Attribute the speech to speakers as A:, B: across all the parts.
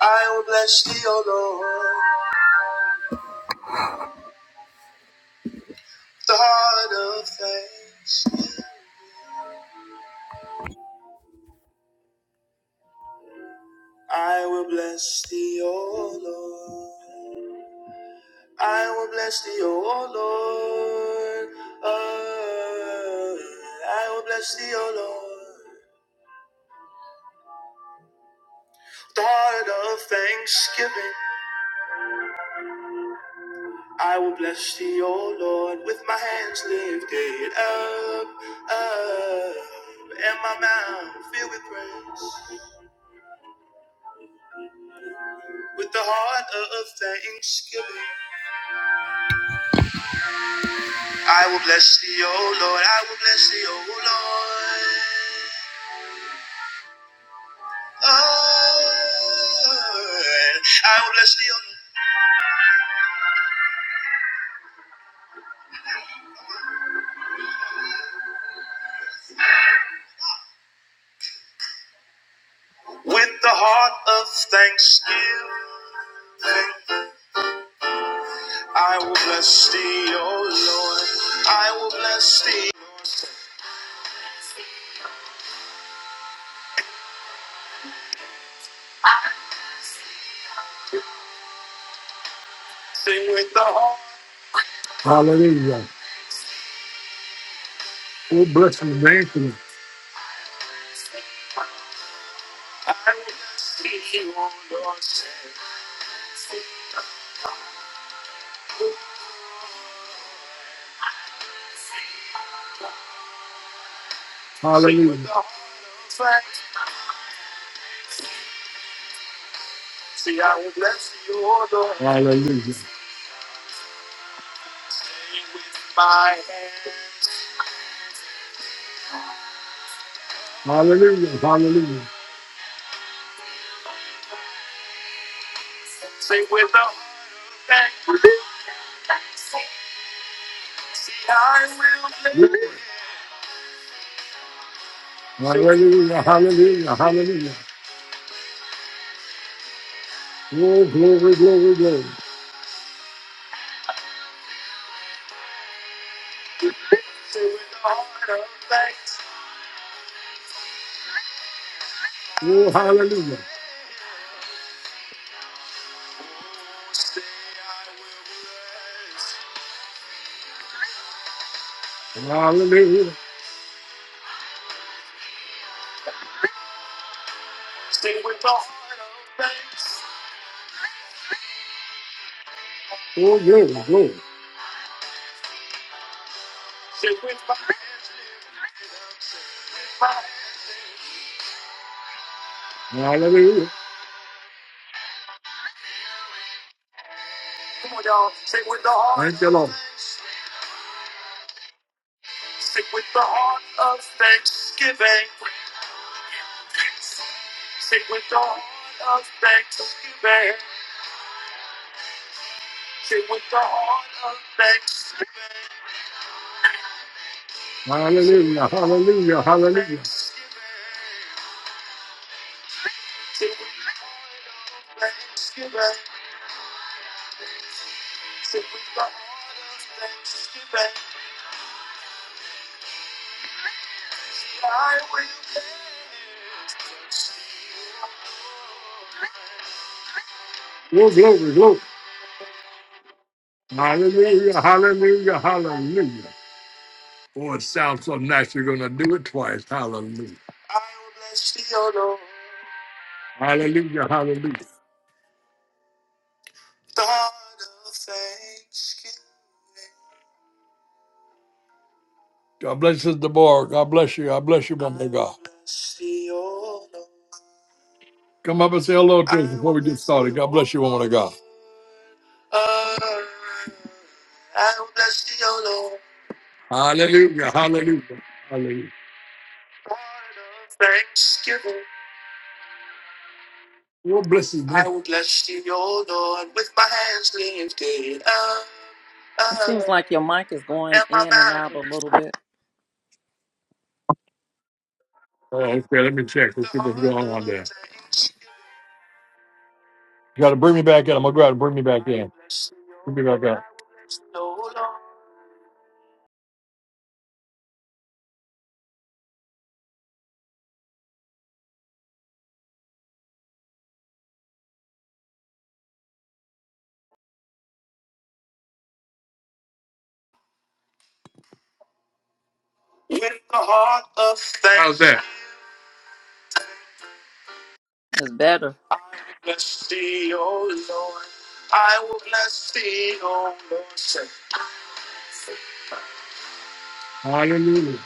A: I will bless thee, O Lord, with the heart of thanks. I will bless thee, O Lord. I will bless thee, O Lord. Uh, I will bless thee, O Lord. with The heart of thanksgiving. I will bless thee, O Lord, with my hands lifted up, up, and my mouth filled with praise. With the heart of thanksgiving, I will bless thee, O Lord. I will bless thee, O Lord. Oh. I will bless thee, O Lord. With the heart of thanksgiving, I will bless thee, O Lord. I will bless thee. Lord. Sing with the heart. Hallelujah. Oh, bless you, man. I will bless thee, O Lord. Sing with Hallelujah. the heart of thanksgiving. I will bless thee, O Lord. Hallelujah. Hallelujah. Hallelujah. Say with a man, I will live. Hallelujah. Hallelujah. Hallelujah. Oh, glory, glory, glory. Say with a heart of thanks. Oh, hallelujah. Say I will Hallelujah. Oh, glory, glory. Hallelujah. Thank you, Lord. Hallelujah. Hallelujah. Hallelujah. I will Oh, glory, glory. Hallelujah, hallelujah, hallelujah. Oh, it sounds so nice. You're going to do it twice. Hallelujah. I will bless thee, O Lord. Hallelujah, hallelujah. God of thanksgiving. God bless you, Deborah. God bless you. God bless you, woman of God. I will bless thee, O Lord. Come up and say hello to us I before we will get started. God bless you, woman of God. Uh, I will bless thee, O Lord. Hallelujah, hallelujah, hallelujah. Thanksgiving. Your blessings, man. I will bless you, O Lord, with my hands lifted up,
B: It
A: up,
B: seems like your mic is going
A: and my
B: in and out a
A: mouth.
B: little bit.
A: Oh, okay, let me check. Let's see what's going on there. You gotta bring me back in. I'm gonna go out and bring me back in. Bring me back out. With the heart of thanks. How's that?
B: It's better.
A: Bless thee, O Lord. I will bless thee, O Lord. Hallelujah.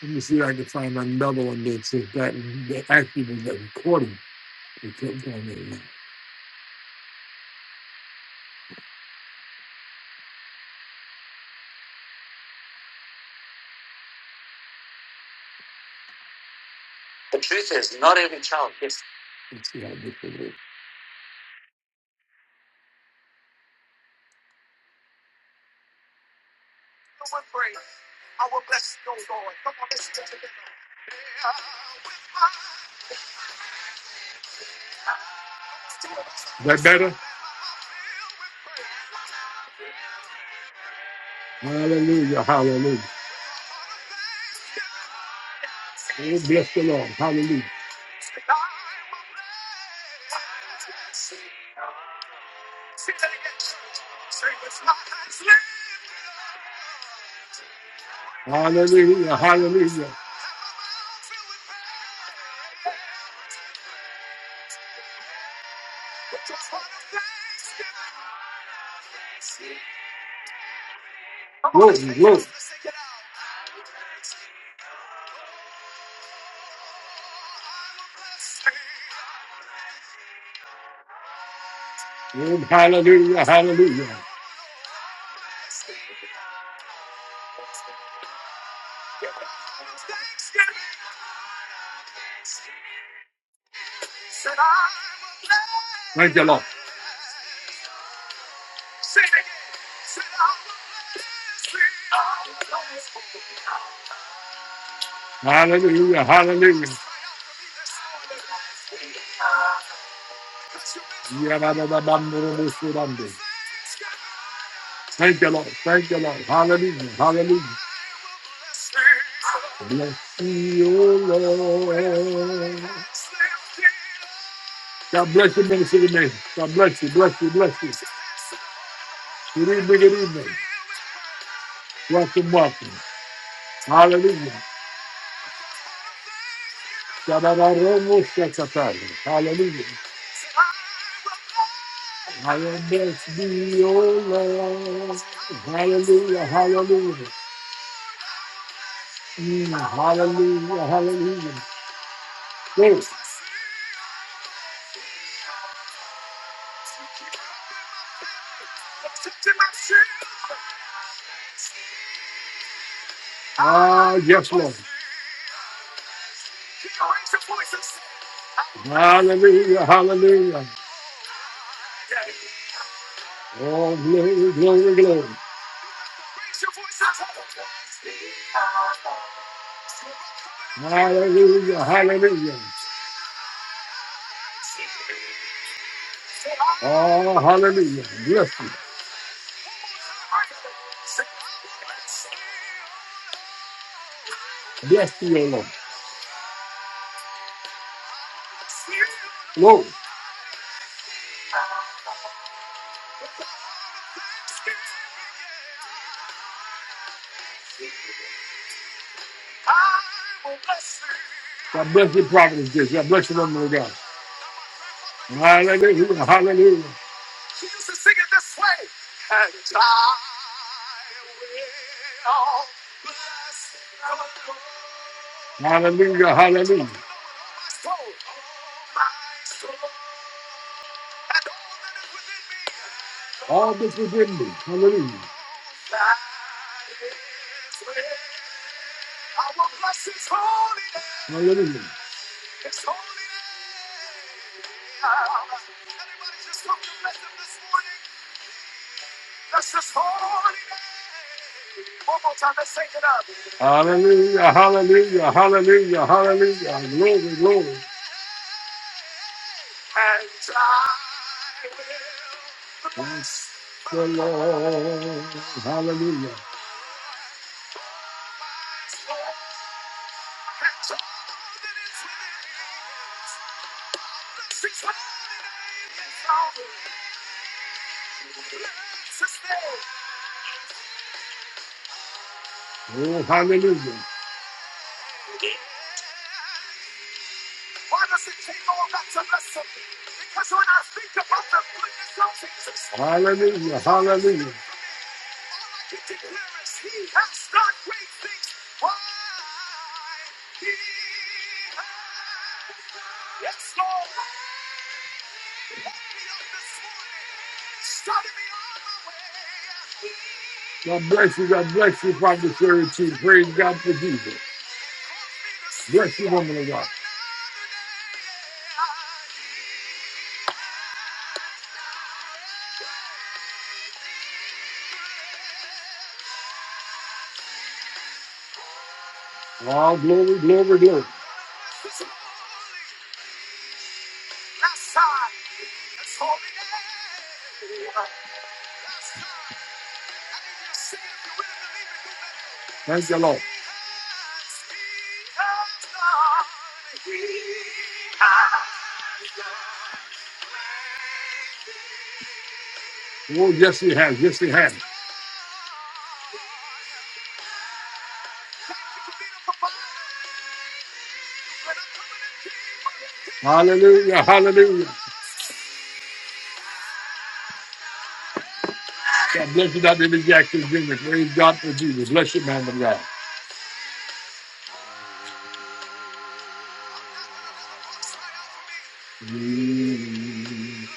A: Let me see if I can find another one that's just that actually was a recording. It kept on there. The truth is not. Let's see how this is. Is That better? Hallelujah, hallelujah. Oh, bless the Lord. Hallelujah. Hallelujah, hallelujah. Glory, glory. Oh, hallelujah, hallelujah. Thank you, Lord. Hallelujah, hallelujah. Yabba-dabba-bam-bada-boo-soo-bam-boo. Thank you, Lord. Thank you, Lord. Hallelujah, hallelujah. Bless you, Lord. God bless you, Minister Name. God bless you, bless you, bless you. Good evening, good evening. Welcome, welcome. Hallelujah. Shabbat Hallelujah. How your blessed be, oh Lord. Hallelujah, hallelujah. Mm, hallelujah, hallelujah. Yes, Ah, yes, Lord. Hallelujah, hallelujah. Oh, glory, glory, glory. Hallelujah, hallelujah. Oh, hallelujah. Bless you. Bless you, O Lord. Lord, God bless your providence, Jesus. God bless your woman of God. Hallelujah, hallelujah. Hallelujah, hallelujah. All this within me. Hallelujah. Hallelujah. Hallelujah. Hallelujah. Hallelujah. Hallelujah. Glory, glory. Bless the Lord. Hallelujah. Oh, hallelujah. Hallelujah. Hallelujah. God bless you. God bless you, Father Charity. Praise God for Jesus. Bless you, woman of God. Oh, glory, glory, glory. Thank the Lord. Oh, yes, he has. Yes, he has. Hallelujah. Hallelujah. God bless you, Dr. Emmett Jackson Jr. Praise God for Jesus. Bless you, man of God. Mm.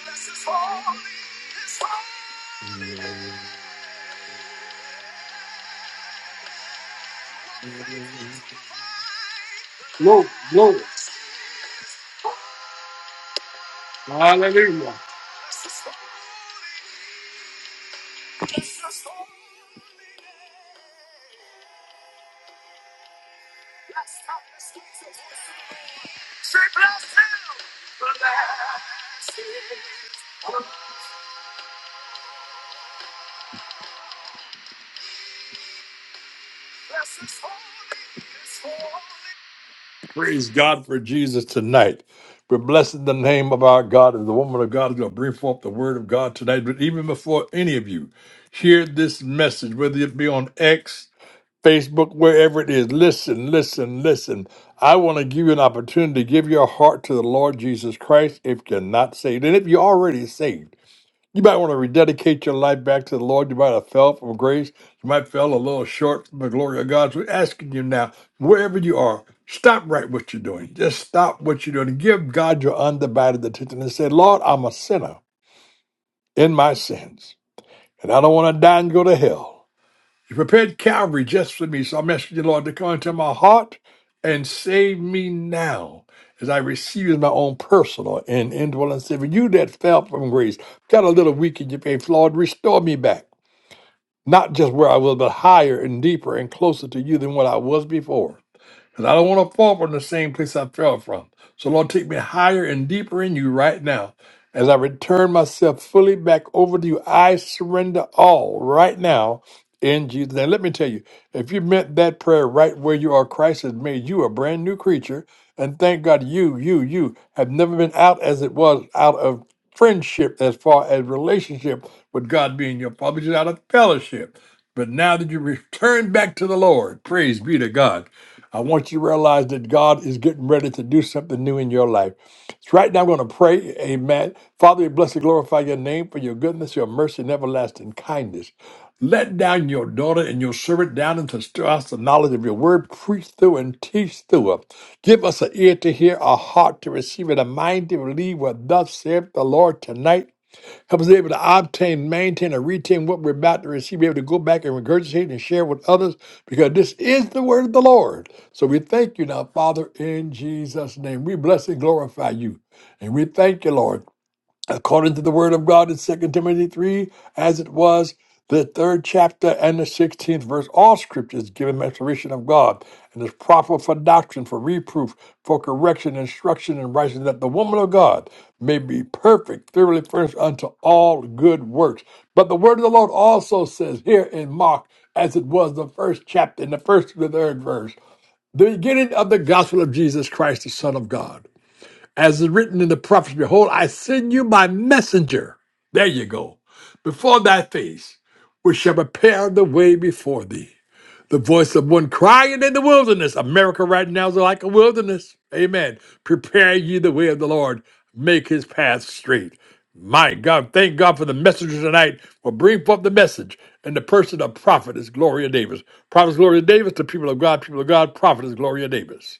A: Glory, glory. Hallelujah. Praise God for Jesus tonight. We're blessing the name of our God, and the woman of God is going to bring forth the word of God tonight. But even before any of you hear this message, whether it be on X, Facebook, wherever it is. Listen, listen, listen. I want to give you an opportunity to give your heart to the Lord Jesus Christ if you're not saved. And if you're already saved, You might want to rededicate your life back to the Lord. You might have fell from grace. You might fell a little short from the glory of God. So we're asking you now, wherever you are, stop right what you're doing. Just stop what you're doing. and Give God your undivided attention and say, Lord, I'm a sinner in my sins, and I don't want to die and go to hell. You prepared Calvary just for me, so I'm asking you, Lord, to come into my heart and save me now as I receive my own personal and indwelling Savior. You that fell from grace, got a little weak in your faith, Lord, restore me back, not just where I was, but higher and deeper and closer to you than what I was before. Because I don't want to fall from the same place I fell from. So, Lord, take me higher and deeper in you right now. As I return myself fully back over to you, I surrender all right now in Jesus' name. Let me tell you, if you meant that prayer right where you are, Christ has made you a brand new creature. And thank God you, you, you have never been out as it was out of friendship as far as relationship with God being your father, just out of fellowship. But now that you return back to the Lord, praise be to God. I want you to realize that God is getting ready to do something new in your life. So right now, I'm going to pray, amen. Father, we bless and glorify your name for your goodness, your mercy, and everlasting kindness. Let down your daughter and your servant down into us the knowledge of your word. Preach through and teach through us. Give us an ear to hear, a heart to receive, and a mind to believe what thus saith the Lord tonight Help us to be able to obtain, maintain, and retain what we're about to receive. Be able to go back and regurgitate and share with others because this is the word of the Lord. So we thank you now, Father, in Jesus' name. We bless and glorify you. And we thank you, Lord according to the word of God in Second Timothy 3, as it was the third chapter and the 16th verse. All scripture is given restoration of God and is proper for doctrine, for reproof, for correction, instruction, and righteousness, that the woman of God may be perfect, thoroughly furnished unto all good works. But the word of the Lord also says here in Mark, as it was the first chapter, in the first to the third verse, the beginning of the gospel of Jesus Christ, the Son of God as is written in the prophets, behold, I send you my messenger. There you go. Before thy face, which shall prepare the way before thee. The voice of one crying in the wilderness. America right now is like a wilderness. Amen. Prepare ye the way of the Lord. Make his path straight. My God, thank God for the messenger tonight will bring forth the message. And the person of prophet is Gloria Davis. Prophet is Gloria Davis, the people of God, people of God, prophet is Gloria Davis.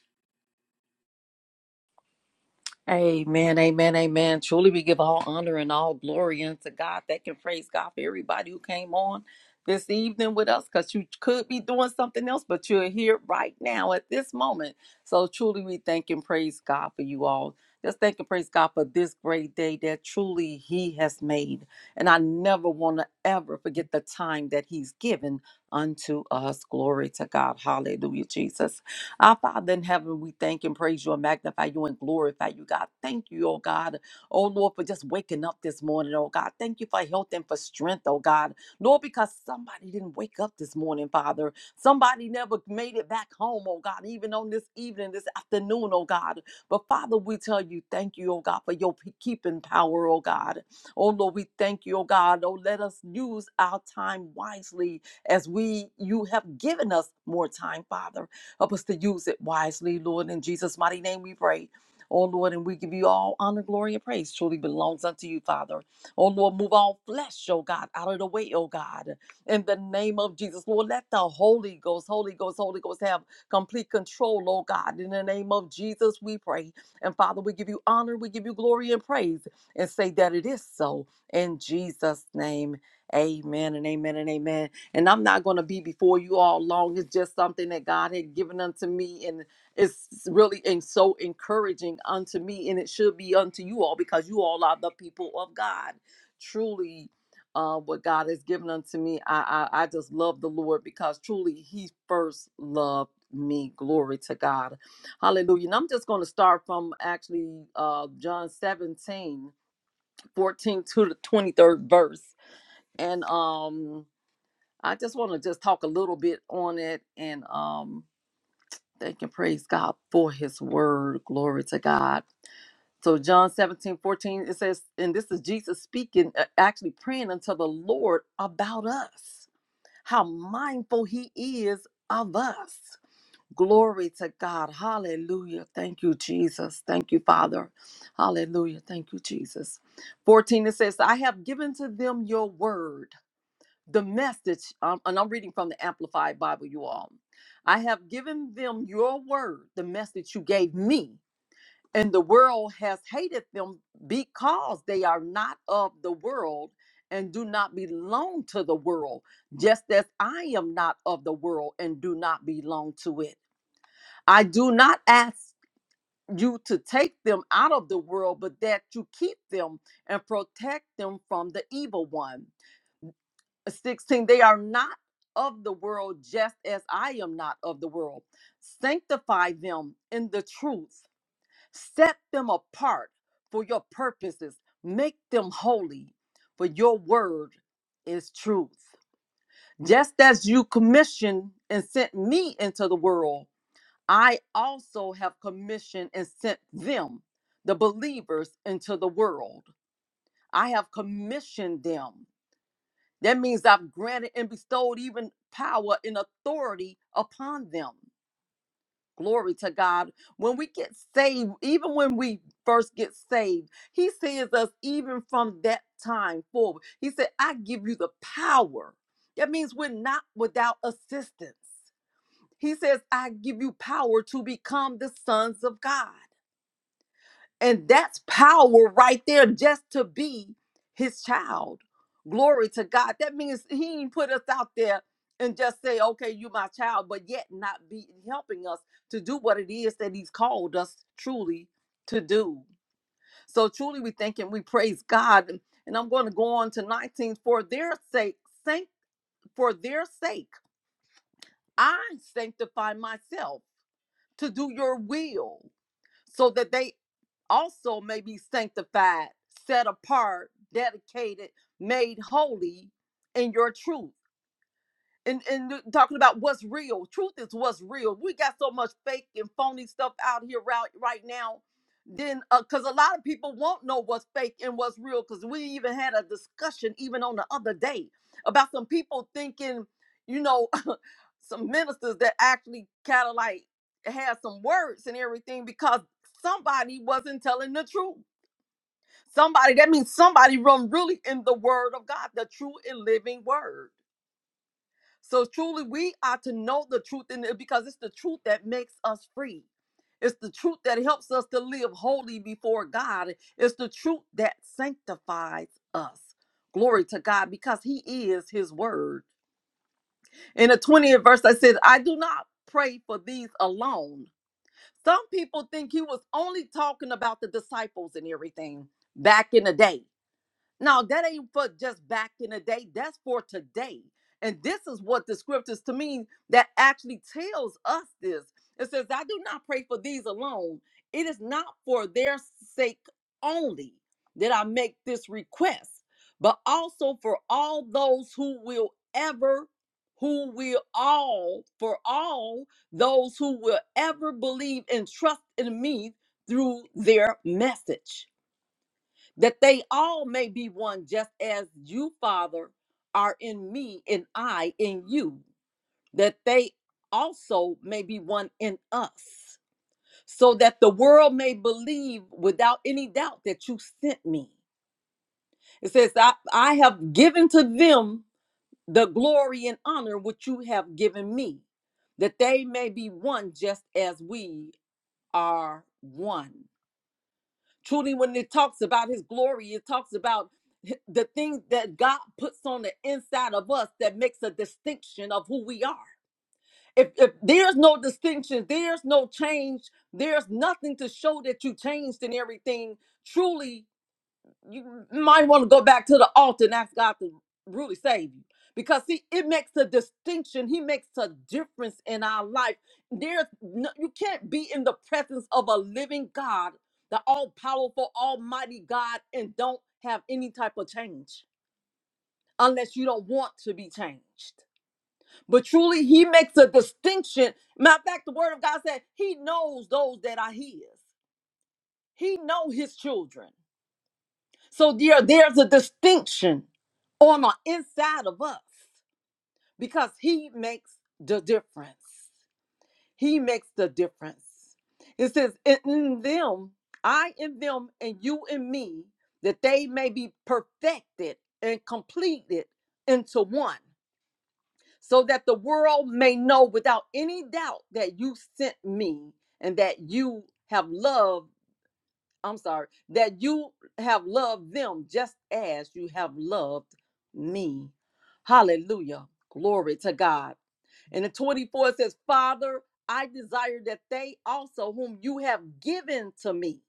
B: Amen, amen, amen. Truly, we give all honor and all glory unto God that can praise God for everybody who came on this evening with us because you could be doing something else, but you're here right now at this moment. So, truly, we thank and praise God for you all. Just thank and praise God for this great day that truly He has made. And I never want to ever forget the time that He's given unto us. Glory to God. Hallelujah, Jesus. Our Father in heaven, we thank and praise you and magnify you and glorify you, God. Thank you, oh God. Oh Lord, for just waking up this morning, oh God. Thank you for health and for strength, oh God. Lord, because somebody didn't wake up this morning, Father. Somebody never made it back home, oh God, even on this evening, this afternoon, oh God. But Father, we tell you, thank you, oh God, for your pe- keeping power, oh God. Oh Lord, we thank you, oh God. Oh, let us use our time wisely as we you have given us more time, Father. Help us to use it wisely, Lord. In Jesus' mighty name we pray. Oh Lord, and we give you all honor, glory, and praise. Truly belongs unto you, Father. Oh Lord, move all flesh, oh God, out of the way, oh God. In the name of Jesus, Lord, let the Holy Ghost, Holy Ghost, Holy Ghost have complete control, oh God. In the name of Jesus, we pray. And Father, we give you honor, we give you glory and praise, and say that it is so. In Jesus' name, amen and amen and amen. And I'm not going to be before you all long. It's just something that God had given unto me. And it's really and so encouraging unto me. And it should be unto you all because you all are the people of God. Truly, uh, what God has given unto me, I, I, I just love the Lord because truly He first loved me. Glory to God. Hallelujah. And I'm just going to start from actually uh, John 17 14 to the 23rd verse. And um I just want to just talk a little bit on it and um thank and praise God for his word. Glory to God. So John 17 14 it says, and this is Jesus speaking, uh, actually praying unto the Lord about us, how mindful he is of us. Glory to God. Hallelujah. Thank you, Jesus. Thank you, Father. Hallelujah. Thank you, Jesus. 14, it says, I have given to them your word the message, um, and I'm reading from the Amplified Bible, you all. I have given them your word, the message you gave me, and the world has hated them because they are not of the world and do not belong to the world, just as I am not of the world and do not belong to it. I do not ask you to take them out of the world, but that you keep them and protect them from the evil one. 16 they are not of the world just as i am not of the world sanctify them in the truth set them apart for your purposes make them holy for your word is truth just as you commissioned and sent me into the world i also have commissioned and sent them the believers into the world i have commissioned them that means I've granted and bestowed even power and authority upon them. Glory to God. When we get saved, even when we first get saved, He saves us even from that time forward. He said, I give you the power. That means we're not without assistance. He says, I give you power to become the sons of God. And that's power right there just to be his child. Glory to God. That means he ain't put us out there and just say, okay, you my child, but yet not be helping us to do what it is that he's called us truly to do. So truly we thank and we praise God. And and I'm going to go on to 19 for their sake, sanct for their sake, I sanctify myself to do your will so that they also may be sanctified, set apart, dedicated, made holy in your truth and and talking about what's real. Truth is what's real. We got so much fake and phony stuff out here right right now. Then, because a lot of people won't know what's fake and what's real. Because we even had a discussion even on the other day about some people thinking, you know, some ministers that actually kind of like had some words and everything because somebody wasn't telling the truth. Somebody that means somebody run really in the word of God, the true and living word. So truly, we are to know the truth in it because it's the truth that makes us free. It's the truth that helps us to live holy before God. It's the truth that sanctifies us. Glory to God because He is His word. In the 20th verse, I said, I do not pray for these alone. Some people think He was only talking about the disciples and everything back in the day. Now, that ain't for just back in the day, that's for today. And this is what the scriptures to me that actually tells us this. It says, I do not pray for these alone. It is not for their sake only that I make this request, but also for all those who will ever, who will all, for all those who will ever believe and trust in me through their message that they all may be one, just as you, Father, are in me and I in you, that they also may be one in us, so that the world may believe without any doubt that you sent me. It says, I, I have given to them the glory and honor which you have given me, that they may be one just as we are one. Truly, when it talks about his glory, it talks about the things that God puts on the inside of us that makes a distinction of who we are. If, if there's no distinction, there's no change, there's nothing to show that you changed in everything, truly you might want to go back to the altar and ask God to really save you. Because see, it makes a distinction. He makes a difference in our life. There's no, you can't be in the presence of a living God, the all-powerful, almighty God, and don't have any type of change unless you don't want to be changed. But truly, he makes a distinction. Matter of fact, the word of God said he knows those that are his. He know his children. So there, there's a distinction on the inside of us because he makes the difference. He makes the difference. It says, in them, I in them, and you in me, that they may be perfected and completed into one, so that the world may know without any doubt that you sent me and that you have loved I'm sorry, that you have loved them just as you have loved me. Hallelujah. Glory to God. And the 24 says, Father, I desire that they also, whom you have given to me,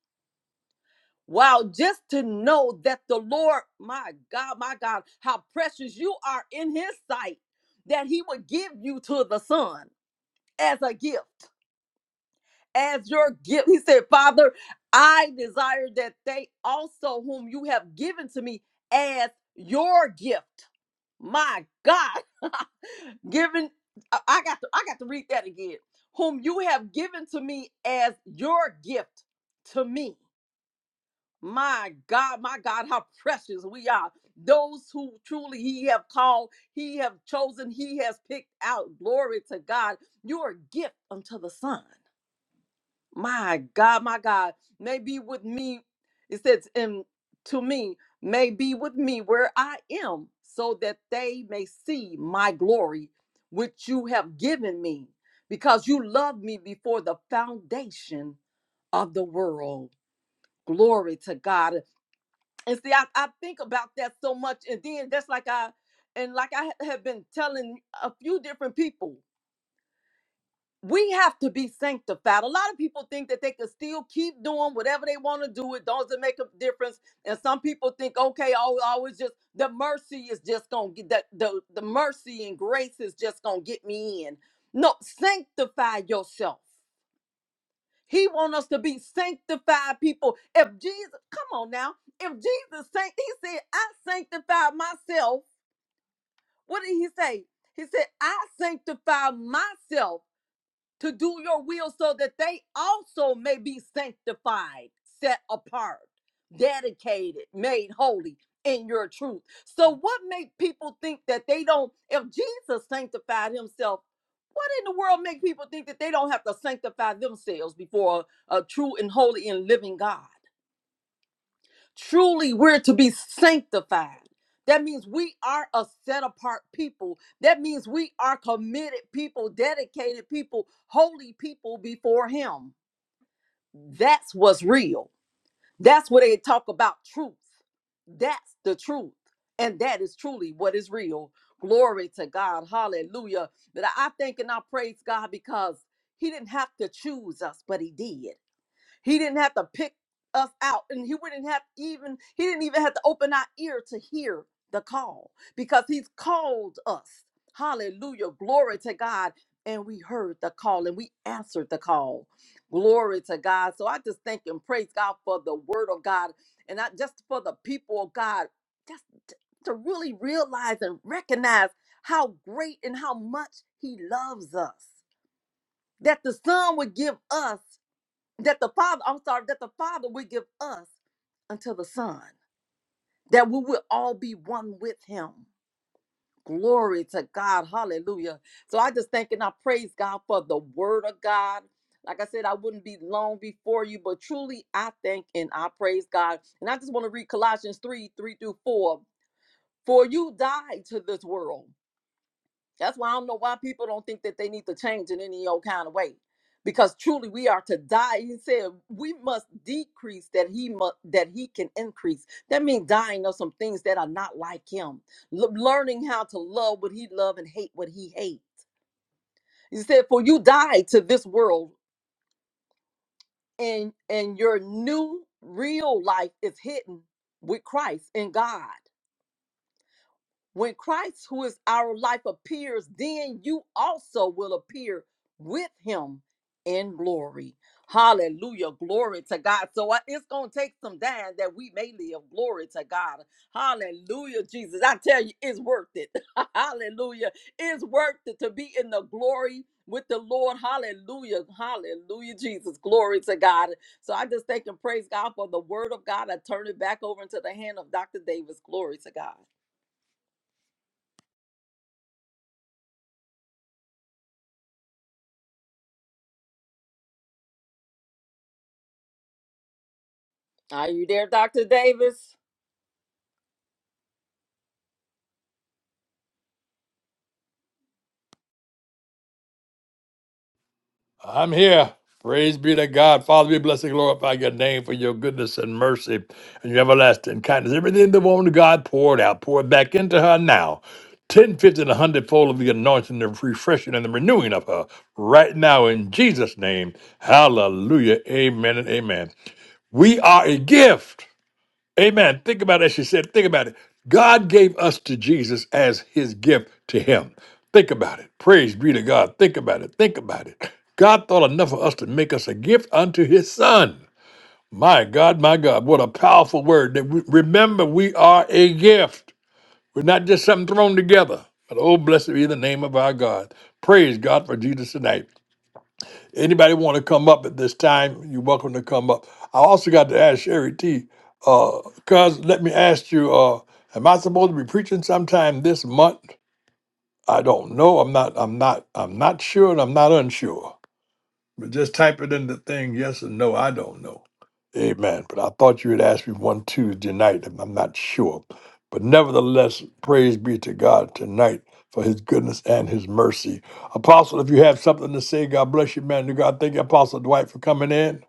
B: Wow, just to know that the Lord, my God, my God, how precious you are in His sight, that He would give you to the Son as a gift as your gift. He said, Father, I desire that they also, whom you have given to me, as your gift. My God, given, I I got to, I got to read that again. Whom you have given to me as your gift to me. My God, my God, how precious we are. Those who truly He have called, He have chosen, He has picked out. Glory to God. You're a gift unto the Son. My God, my God, may be with me. It says, and to me, may be with me where I am, so that they may see my glory, which you have given me, because you loved me before the foundation of the world. Glory to God. And see, I, I think about that so much. And then that's like I, and like I have been telling a few different people, we have to be sanctified. A lot of people think that they can still keep doing whatever they want to do. It doesn't make a difference. And some people think, okay, oh, oh it's just the mercy is just gonna get that the, the mercy and grace is just gonna get me in. No, sanctify yourself. He wants us to be sanctified people. If Jesus, come on now, if Jesus sanct, he said, I sanctify myself. What did he say? He said, I sanctify myself to do your will so that they also may be sanctified, set apart, dedicated, made holy in your truth. So what make people think that they don't if Jesus sanctified himself, what in the world make people think that they don't have to sanctify themselves before a, a true and holy and living God? Truly, we're to be sanctified. That means we are a set apart people. That means we are committed people, dedicated people, holy people before Him. That's what's real. That's what they talk about truth. That's the truth. And that is truly what is real. Glory to God. Hallelujah. That I I thank and I praise God because He didn't have to choose us, but He did. He didn't have to pick us out, and he wouldn't have even he didn't even have to open our ear to hear the call because he's called us. Hallelujah. Glory to God. And we heard the call and we answered the call. Glory to God. So I just thank and praise God for the word of God and not just for the people of God, just t- to really realize and recognize how great and how much he loves us. That the Son would give us that the Father, I'm sorry, that the Father will give us unto the Son, that we will all be one with Him. Glory to God. Hallelujah. So I just thank and I praise God for the word of God. Like I said, I wouldn't be long before you, but truly I thank and I praise God. And I just want to read Colossians 3 3 through 4. For you died to this world that's why I don't know why people don't think that they need to change in any old kind of way. Because truly we are to die. He said we must decrease that he must that he can increase. That means dying of some things that are not like him. L- learning how to love what he love and hate what he hate. He said, For you die to this world and and your new real life is hidden with Christ in God. When Christ, who is our life, appears, then you also will appear with him in glory. Hallelujah. Glory to God. So I- it's going to take some time that we may live. Glory to God. Hallelujah, Jesus. I tell you, it's worth it. Hallelujah. It's worth it to be in the glory with the Lord. Hallelujah. Hallelujah, Jesus. Glory to God. So I just thank and praise God for the word of God. I turn it back over into the hand of Dr. Davis. Glory to God. Are you there, Dr. Davis?
A: I'm here. Praise be to God. Father, be blessed and glorify your name for your goodness and mercy and your everlasting kindness. Everything the woman of God poured out, pour it back into her now. 10, fifty, and a hundredfold of the anointing, the refreshing, and the renewing of her right now in Jesus' name. Hallelujah. Amen and amen. We are a gift. Amen. Think about it. As She said, think about it. God gave us to Jesus as his gift to him. Think about it. Praise be to God. Think about it. Think about it. God thought enough of us to make us a gift unto his son. My God, my God, what a powerful word. That we, remember, we are a gift. We're not just something thrown together. But oh, blessed be the name of our God. Praise God for Jesus tonight. Anybody want to come up at this time? You're welcome to come up. I also got to ask Sherry T. Uh, cuz let me ask you, uh, am I supposed to be preaching sometime this month? I don't know. I'm not. I'm not. I'm not sure, and I'm not unsure. But just type it in the thing, yes or no, I don't know. Amen. But I thought you had asked me one Tuesday night, and I'm not sure. But nevertheless, praise be to God tonight for his goodness and his mercy. Apostle, if you have something to say, God bless you, man. To God, thank you, Apostle Dwight, for coming in.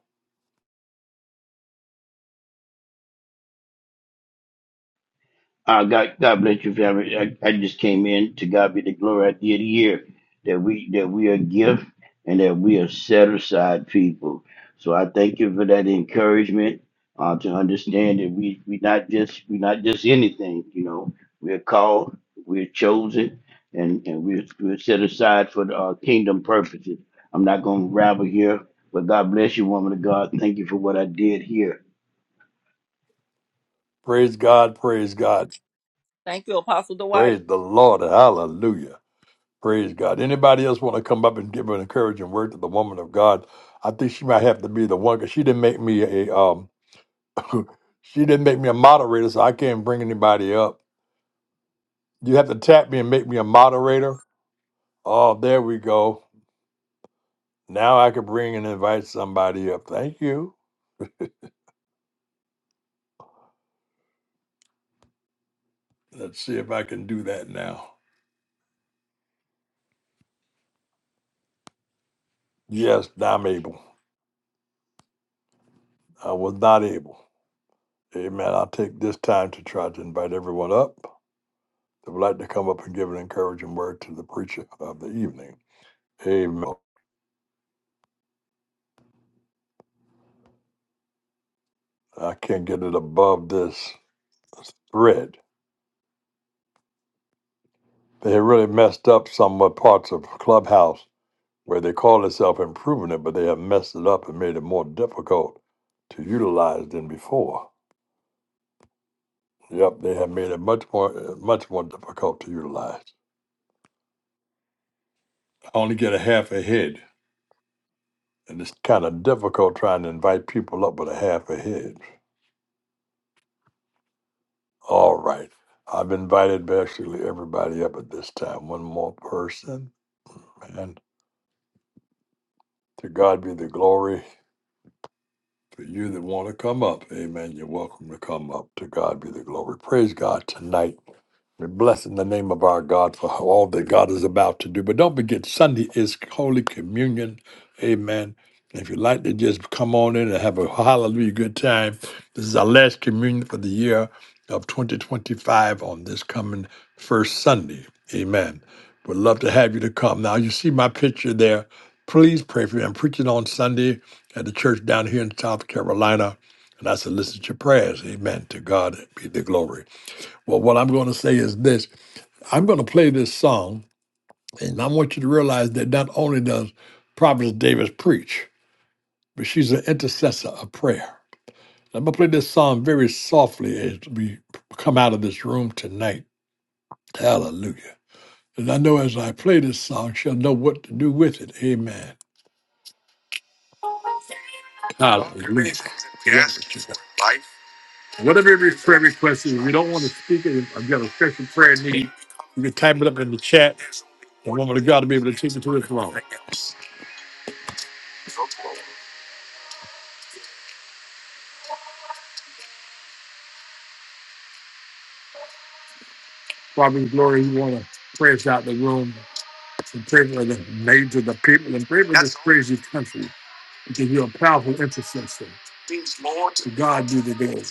C: Uh, God, God bless you, family. I, I just came in to God be the glory. I did hear that we that we are a gift and that we are set aside people. So I thank you for that encouragement uh, to understand that we we not just we not just anything. You know, we are called, we are chosen, and and we're we're set aside for the, uh, kingdom purposes. I'm not going to rabble here, but God bless you, woman of God. Thank you for what I did here.
A: Praise God, praise God,
B: Thank you, Apostle
A: praise
B: Dwight.
A: the Lord, hallelujah. Praise God. Anybody else want to come up and give an encouraging word to the woman of God? I think she might have to be the one because she didn't make me a um she didn't make me a moderator, so I can't bring anybody up. You have to tap me and make me a moderator. Oh, there we go. Now I can bring and invite somebody up. Thank you. Let's see if I can do that now. Yes, I'm able. I was not able. Amen. I'll take this time to try to invite everyone up that would like to come up and give an encouraging word to the preacher of the evening. Amen. I can't get it above this thread. They had really messed up some of parts of Clubhouse where they call themselves improving it, but they have messed it up and made it more difficult to utilize than before. Yep, they have made it much more much more difficult to utilize. I only get a half a head, and it's kind of difficult trying to invite people up with a half a head. All right, I've invited basically everybody up at this time. One more person, man. To God be the glory. For you that want to come up, amen, you're welcome to come up. To God be the glory. Praise God tonight We bless in the name of our God for all that God is about to do. But don't forget, Sunday is Holy Communion. Amen. If you'd like to just come on in and have a hallelujah good time, this is our last communion for the year of 2025 on this coming first Sunday. Amen. We'd love to have you to come. Now, you see my picture there. Please pray for me. I'm preaching on Sunday at the church down here in South Carolina. And I solicit your prayers. Amen. To God be the glory. Well, what I'm going to say is this I'm going to play this song, and I want you to realize that not only does Prophet Davis preach, but she's an intercessor of prayer. I'm going to play this song very softly as we come out of this room tonight. Hallelujah. And I know as I play this song, she'll know what to do with it. Amen. Hallelujah. Yes. Whatever your prayer request is, if you don't want to speak it, if you've got a special prayer need, you can type it up in the chat. The woman of God will be able to take it to Father in glory, you want to press out the room and pray for the names of the people and pray for this crazy country because you're a powerful intercessor. To God be the glory.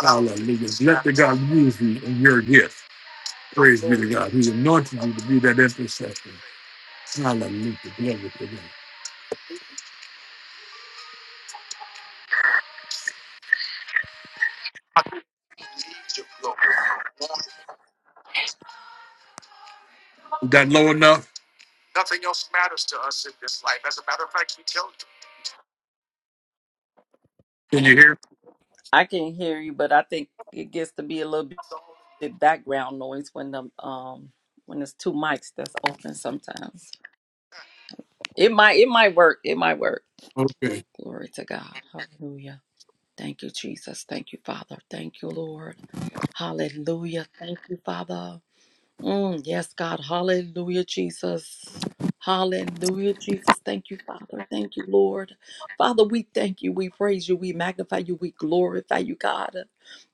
A: Hallelujah. Let the God use you in your gift. Praise be to God. He's anointed you to be that intercessor. Hallelujah. Glory to God. Is that low enough? Can you hear?
B: I can hear you, but I think it gets to be a little bit background noise when the um when there's two mics that's open sometimes. It might it might work. It might work.
A: Okay.
B: Glory to God. Hallelujah. Thank you, Jesus. Thank you, Father. Thank you, Lord. Hallelujah. Thank you, Father. Mm, yes, God. Hallelujah, Jesus. Hallelujah, Jesus. Thank you, Father. Thank you, Lord. Father, we thank you. We praise you. We magnify you. We glorify you, God.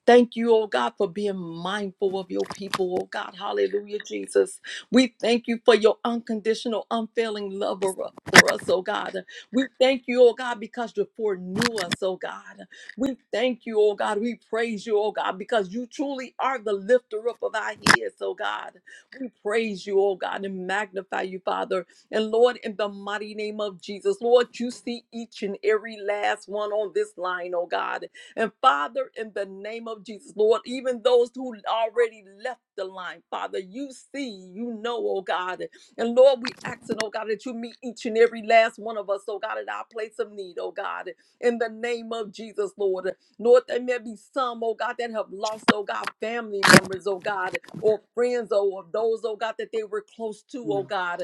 B: Thank you, oh God, for being mindful of your people, oh God. Hallelujah, Jesus. We thank you for your unconditional, unfailing love for for us, oh God. We thank you, oh God, because you foreknew us, oh God. We thank you, oh God. We praise you, oh God, because you truly are the lifter up of our heads, oh God. We praise you, oh God, and magnify you, Father. And Lord, in the mighty name of Jesus, Lord, you see each and every last one on this line, oh God. And Father, in the name of Jesus, Lord, even those who already left the line, Father, you see, you know, oh God. And Lord, we ask, and oh God, that you meet each and every last one of us, oh God, at our place of need, oh God in the name of Jesus, Lord. Lord, there may be some, oh God, that have lost, oh God, family members, oh God, or friends, oh, or those, oh God, that they were close to, oh God.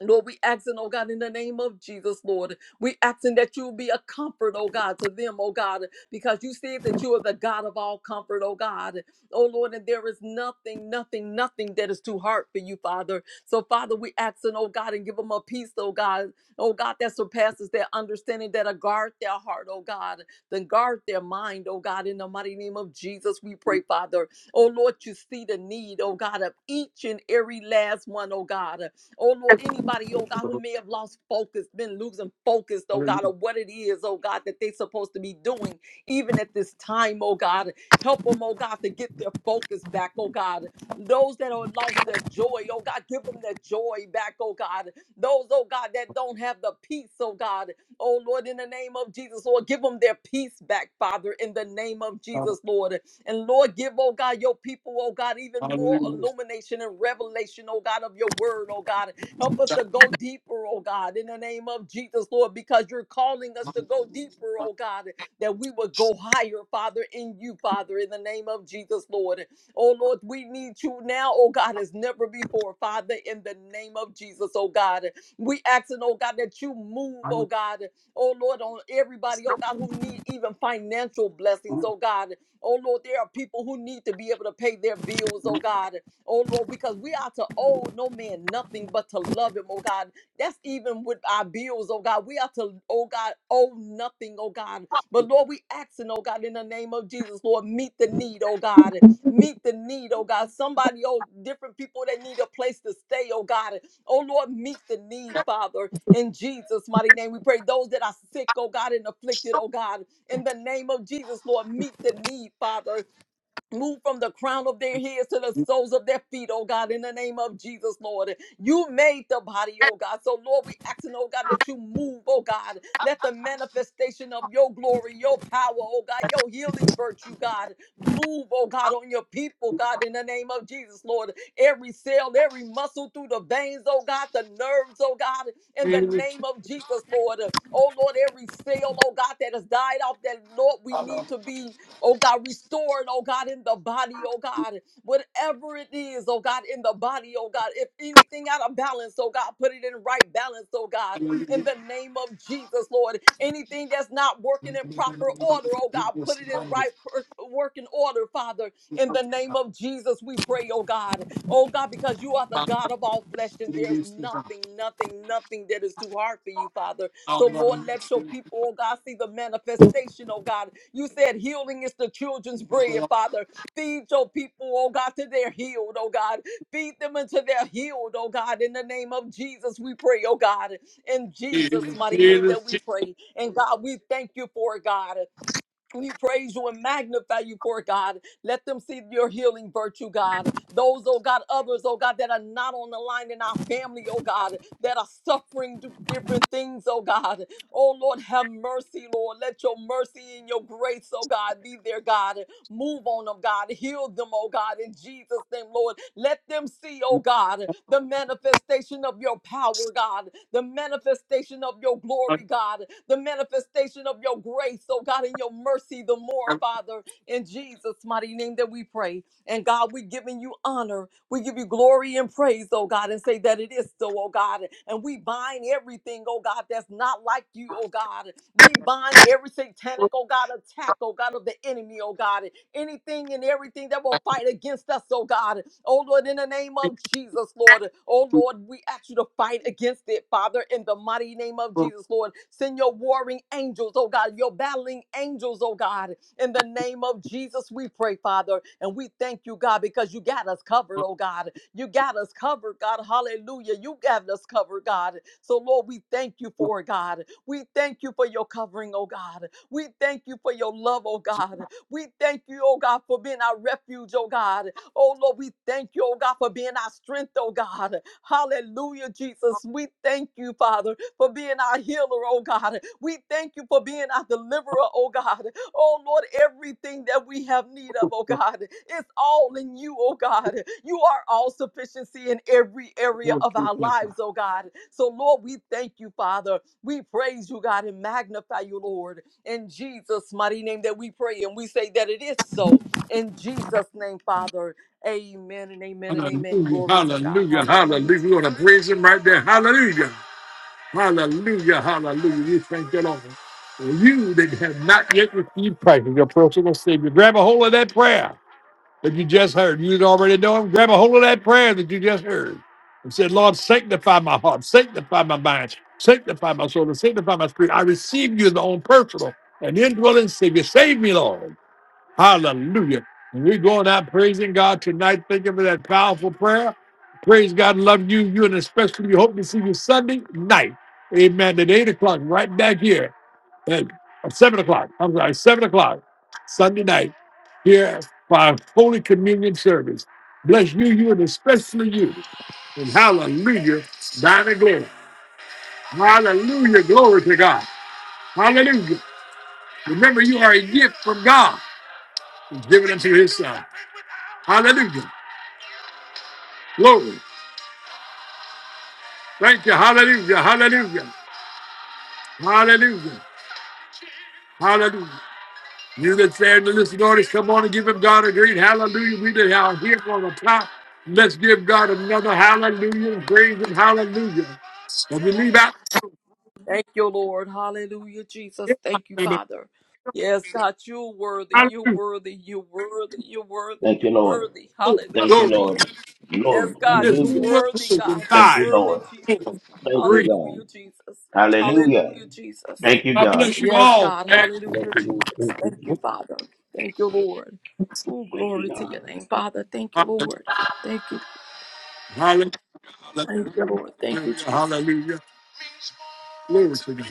B: Lord, we asking, oh God, in the name of Jesus, Lord, we asking that you be a comfort, oh God, to them, oh God, because you said that you are the God of all comfort, oh God. Oh Lord, and there is nothing, nothing, nothing that is too hard for you, Father. So, Father, we asking, oh God, and give them a peace, oh God, oh God, that surpasses their understanding, that'll guard their heart, oh God, then guard their mind, oh God, in the mighty name of Jesus, we pray, Father. Oh Lord, you see the need, oh God, of each and every last one, oh God. Oh Lord, anybody, oh God, who may have lost focus, been losing focus, oh God, of
A: Hallelujah.
B: what it is, oh God, that they're supposed to be doing, even at this time, oh God. Help them, oh God, to get their focus back, oh God. Those that are lost their joy, oh God, give them their joy back, oh God. Those, oh God, that don't have the peace, oh God, oh Lord, in the name of Jesus, Lord, give them their peace back, Father, in the name of Jesus, Lord. And Lord, give, oh God, your people, oh God, even more
A: Hallelujah.
B: illumination and revelation, oh God, of your word, oh God. Help us to go deeper, oh God, in the name of Jesus, Lord, because you're calling us to go deeper, oh God, that we would go higher, Father, in you, Father, in the name of Jesus, Lord. Oh Lord, we need you now, oh God, as never before, Father, in the name of Jesus, oh God. We asking, oh God, that you move, oh God, oh Lord, on everybody, oh God, who need even financial blessings, oh God. Oh Lord, there are people who need to be able to pay their bills, oh God. Oh Lord, because we are to owe no man nothing but to love him, oh God. That's even with our bills, oh God. We are to, oh God, owe nothing, oh God. But Lord, we asking, oh God, in the name of Jesus, Lord, meet the need, oh God. Meet the need, oh God. Somebody, oh, different people that need a place to stay, oh God. Oh Lord, meet the need, Father, in Jesus' mighty name. We pray those that are sick, oh God, and afflicted, oh God. In the name of Jesus, Lord, meet the need, Father. Move from the crown of their heads to the soles of their feet, oh God, in the name of Jesus, Lord. You made the body, oh God. So, Lord, we asking, oh God, that you move, oh God. Let the manifestation of your glory, your power, oh God, your healing virtue, God, move, oh God, on your people, God, in the name of Jesus, Lord. Every cell, every muscle through the veins, oh God, the nerves, oh God, in the name of Jesus, Lord. Oh Lord, every cell, oh God, that has died off, that Lord, we need to be oh God, restored, oh God, in the body, oh God, whatever it is, oh God, in the body, oh God, if anything out of balance, oh God, put it in right balance, oh God, in the name of Jesus, Lord. Anything that's not working in proper order, oh God, put it in right per- working order, Father, in the name of Jesus, we pray, oh God, oh God, because you are the God of all flesh, and there's
A: Jesus, Jesus,
B: nothing, nothing, nothing that is too hard for you, Father. So, Lord, let your people, oh God, see the manifestation, oh God. You said healing is the children's bread, Father. Feed your people, oh God, till they're healed, oh God. Feed them until they're healed, oh God. In the name of Jesus, we pray, oh God. In Jesus' mighty name that we
A: Jesus,
B: pray. And God, we thank you for it, God. We praise you and magnify you for it, God. Let them see your healing virtue, God. Those, oh God, others, oh God, that are not on the line in our family, oh God, that are suffering d- different things, oh God. Oh Lord, have mercy, Lord. Let your mercy and your grace, oh God, be there, God. Move on them, God. Heal them, oh God, in Jesus' name, Lord. Let them see, oh God, the manifestation of your power, God, the manifestation of your glory, God, the manifestation of your grace, oh God, in your mercy, the more, Father, in Jesus' mighty name that we pray. And God, we're giving you honor. We give you glory and praise, oh God, and say that it is so, oh God. And we bind everything, oh God, that's not like you, oh God. We bind every satanic, oh God, attack, oh God, of the enemy, oh God anything and everything that will fight against us, oh God. Oh Lord, in the name of Jesus, Lord. Oh Lord, we ask you to fight against it, Father, in the mighty name of Jesus, Lord. Send your warring angels, oh God, your battling angels, oh God. In the name of Jesus, we pray, Father. And we thank you, God, because you got us covered, oh God. You got us covered, God. Hallelujah. You got us covered, God. So, Lord, we thank you for it, God. We thank you for your covering, oh God. We thank you for your love, oh God. We thank you, oh God, for being our refuge, oh God. Oh Lord, we thank you, oh God, for being our strength, oh God. Hallelujah, Jesus. We thank you, Father, for being our healer, oh God. We thank you for being our deliverer, oh God. Oh Lord, everything that we have need of, oh God, is all in you, oh God. You are all sufficiency in every area of our
A: Jesus.
B: lives, oh God. So Lord, we thank you, Father. We praise you, God, and magnify you, Lord. In Jesus' mighty name that we pray and we say that it is so. In Jesus' name, Father. Amen and amen and amen.
A: Hallelujah,
B: Glory to God.
A: hallelujah,
B: Hallelujah,
A: hallelujah. We're going to
B: Jesus.
A: praise him right there. Hallelujah, hallelujah, hallelujah. We thank the Lord. For you that have not yet received Christ as your personal Savior, grab a hold of that prayer that you just heard. You already know him. Grab a hold of that prayer that you just heard and said, Lord, sanctify my heart, sanctify my mind, sanctify my soul, and sanctify my spirit. I receive you as my own personal and indwelling Savior. Save me, Lord. Hallelujah. And we're going out praising God tonight. Thank you for that powerful prayer. Praise God. Love you. You and especially we hope to see you Sunday night. Amen. At 8 o'clock, right back here. At uh, 7 o'clock. I'm sorry, 7 o'clock Sunday night here for our Holy Communion service. Bless you, you, and especially you. And hallelujah. Thine and glory. Hallelujah. Glory to God. Hallelujah. Remember, you are a gift from God. Give it unto his son. Hallelujah. Glory. Thank you. Hallelujah. Hallelujah. Hallelujah. Hallelujah. You that's there in the listening audience, come on and give him God a great hallelujah. We that are here for the top. Let's give God another hallelujah. Praise him. Hallelujah. If we leave out,
B: Thank you, Lord. Hallelujah, Jesus.
A: give
B: Thank you, Father. Yes, God, you're worthy. You're
A: hallelujah.
B: worthy. You're worthy. You're worthy.
C: Thank you,
B: You're
C: Lord.
B: worthy.
A: Oh,
C: Thank
B: Hallelujah,
C: you,
A: Glory.
B: Jesus.
C: Lord. Glory.
B: Yes,
A: And
B: God,
A: this
B: you're
C: Hallelujah.
A: room will close
B: worthy,
A: in
B: God. You're
C: Thank you,
A: five,
B: worthy,
C: Lord.
A: four,
B: Jesus.
C: Thank you,
A: three.
C: God.
B: Hallelujah, Jesus.
C: Hallelujah.
B: Hallelujah, Jesus.
C: Thank you,
A: God
C: God.
A: bless you
B: Yes,
A: all.
B: God.
A: And
C: Bless
B: Hallelujah,
C: you, Lord.
B: Jesus.
C: Thank you,
B: Thank you,
C: Jesus.
B: Father. Thank you, Lord. Oh,
C: Thank you,
B: glory to
C: God.
B: your name, Father. Thank you, Lord. Thank you.
A: hallelujah.
B: Thank you,
A: Hallelujah.
B: Lord. Thank you, Jesus.
A: Hallelujah. Glory to God.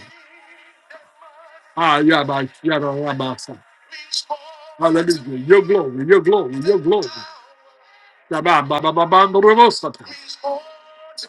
A: Ah, Yabba, Yabba, Yabba, Sa. Hallelujah. Your glory, your glory, your glory. Yabba, Baba, Baba, Baba, Baba, Sa.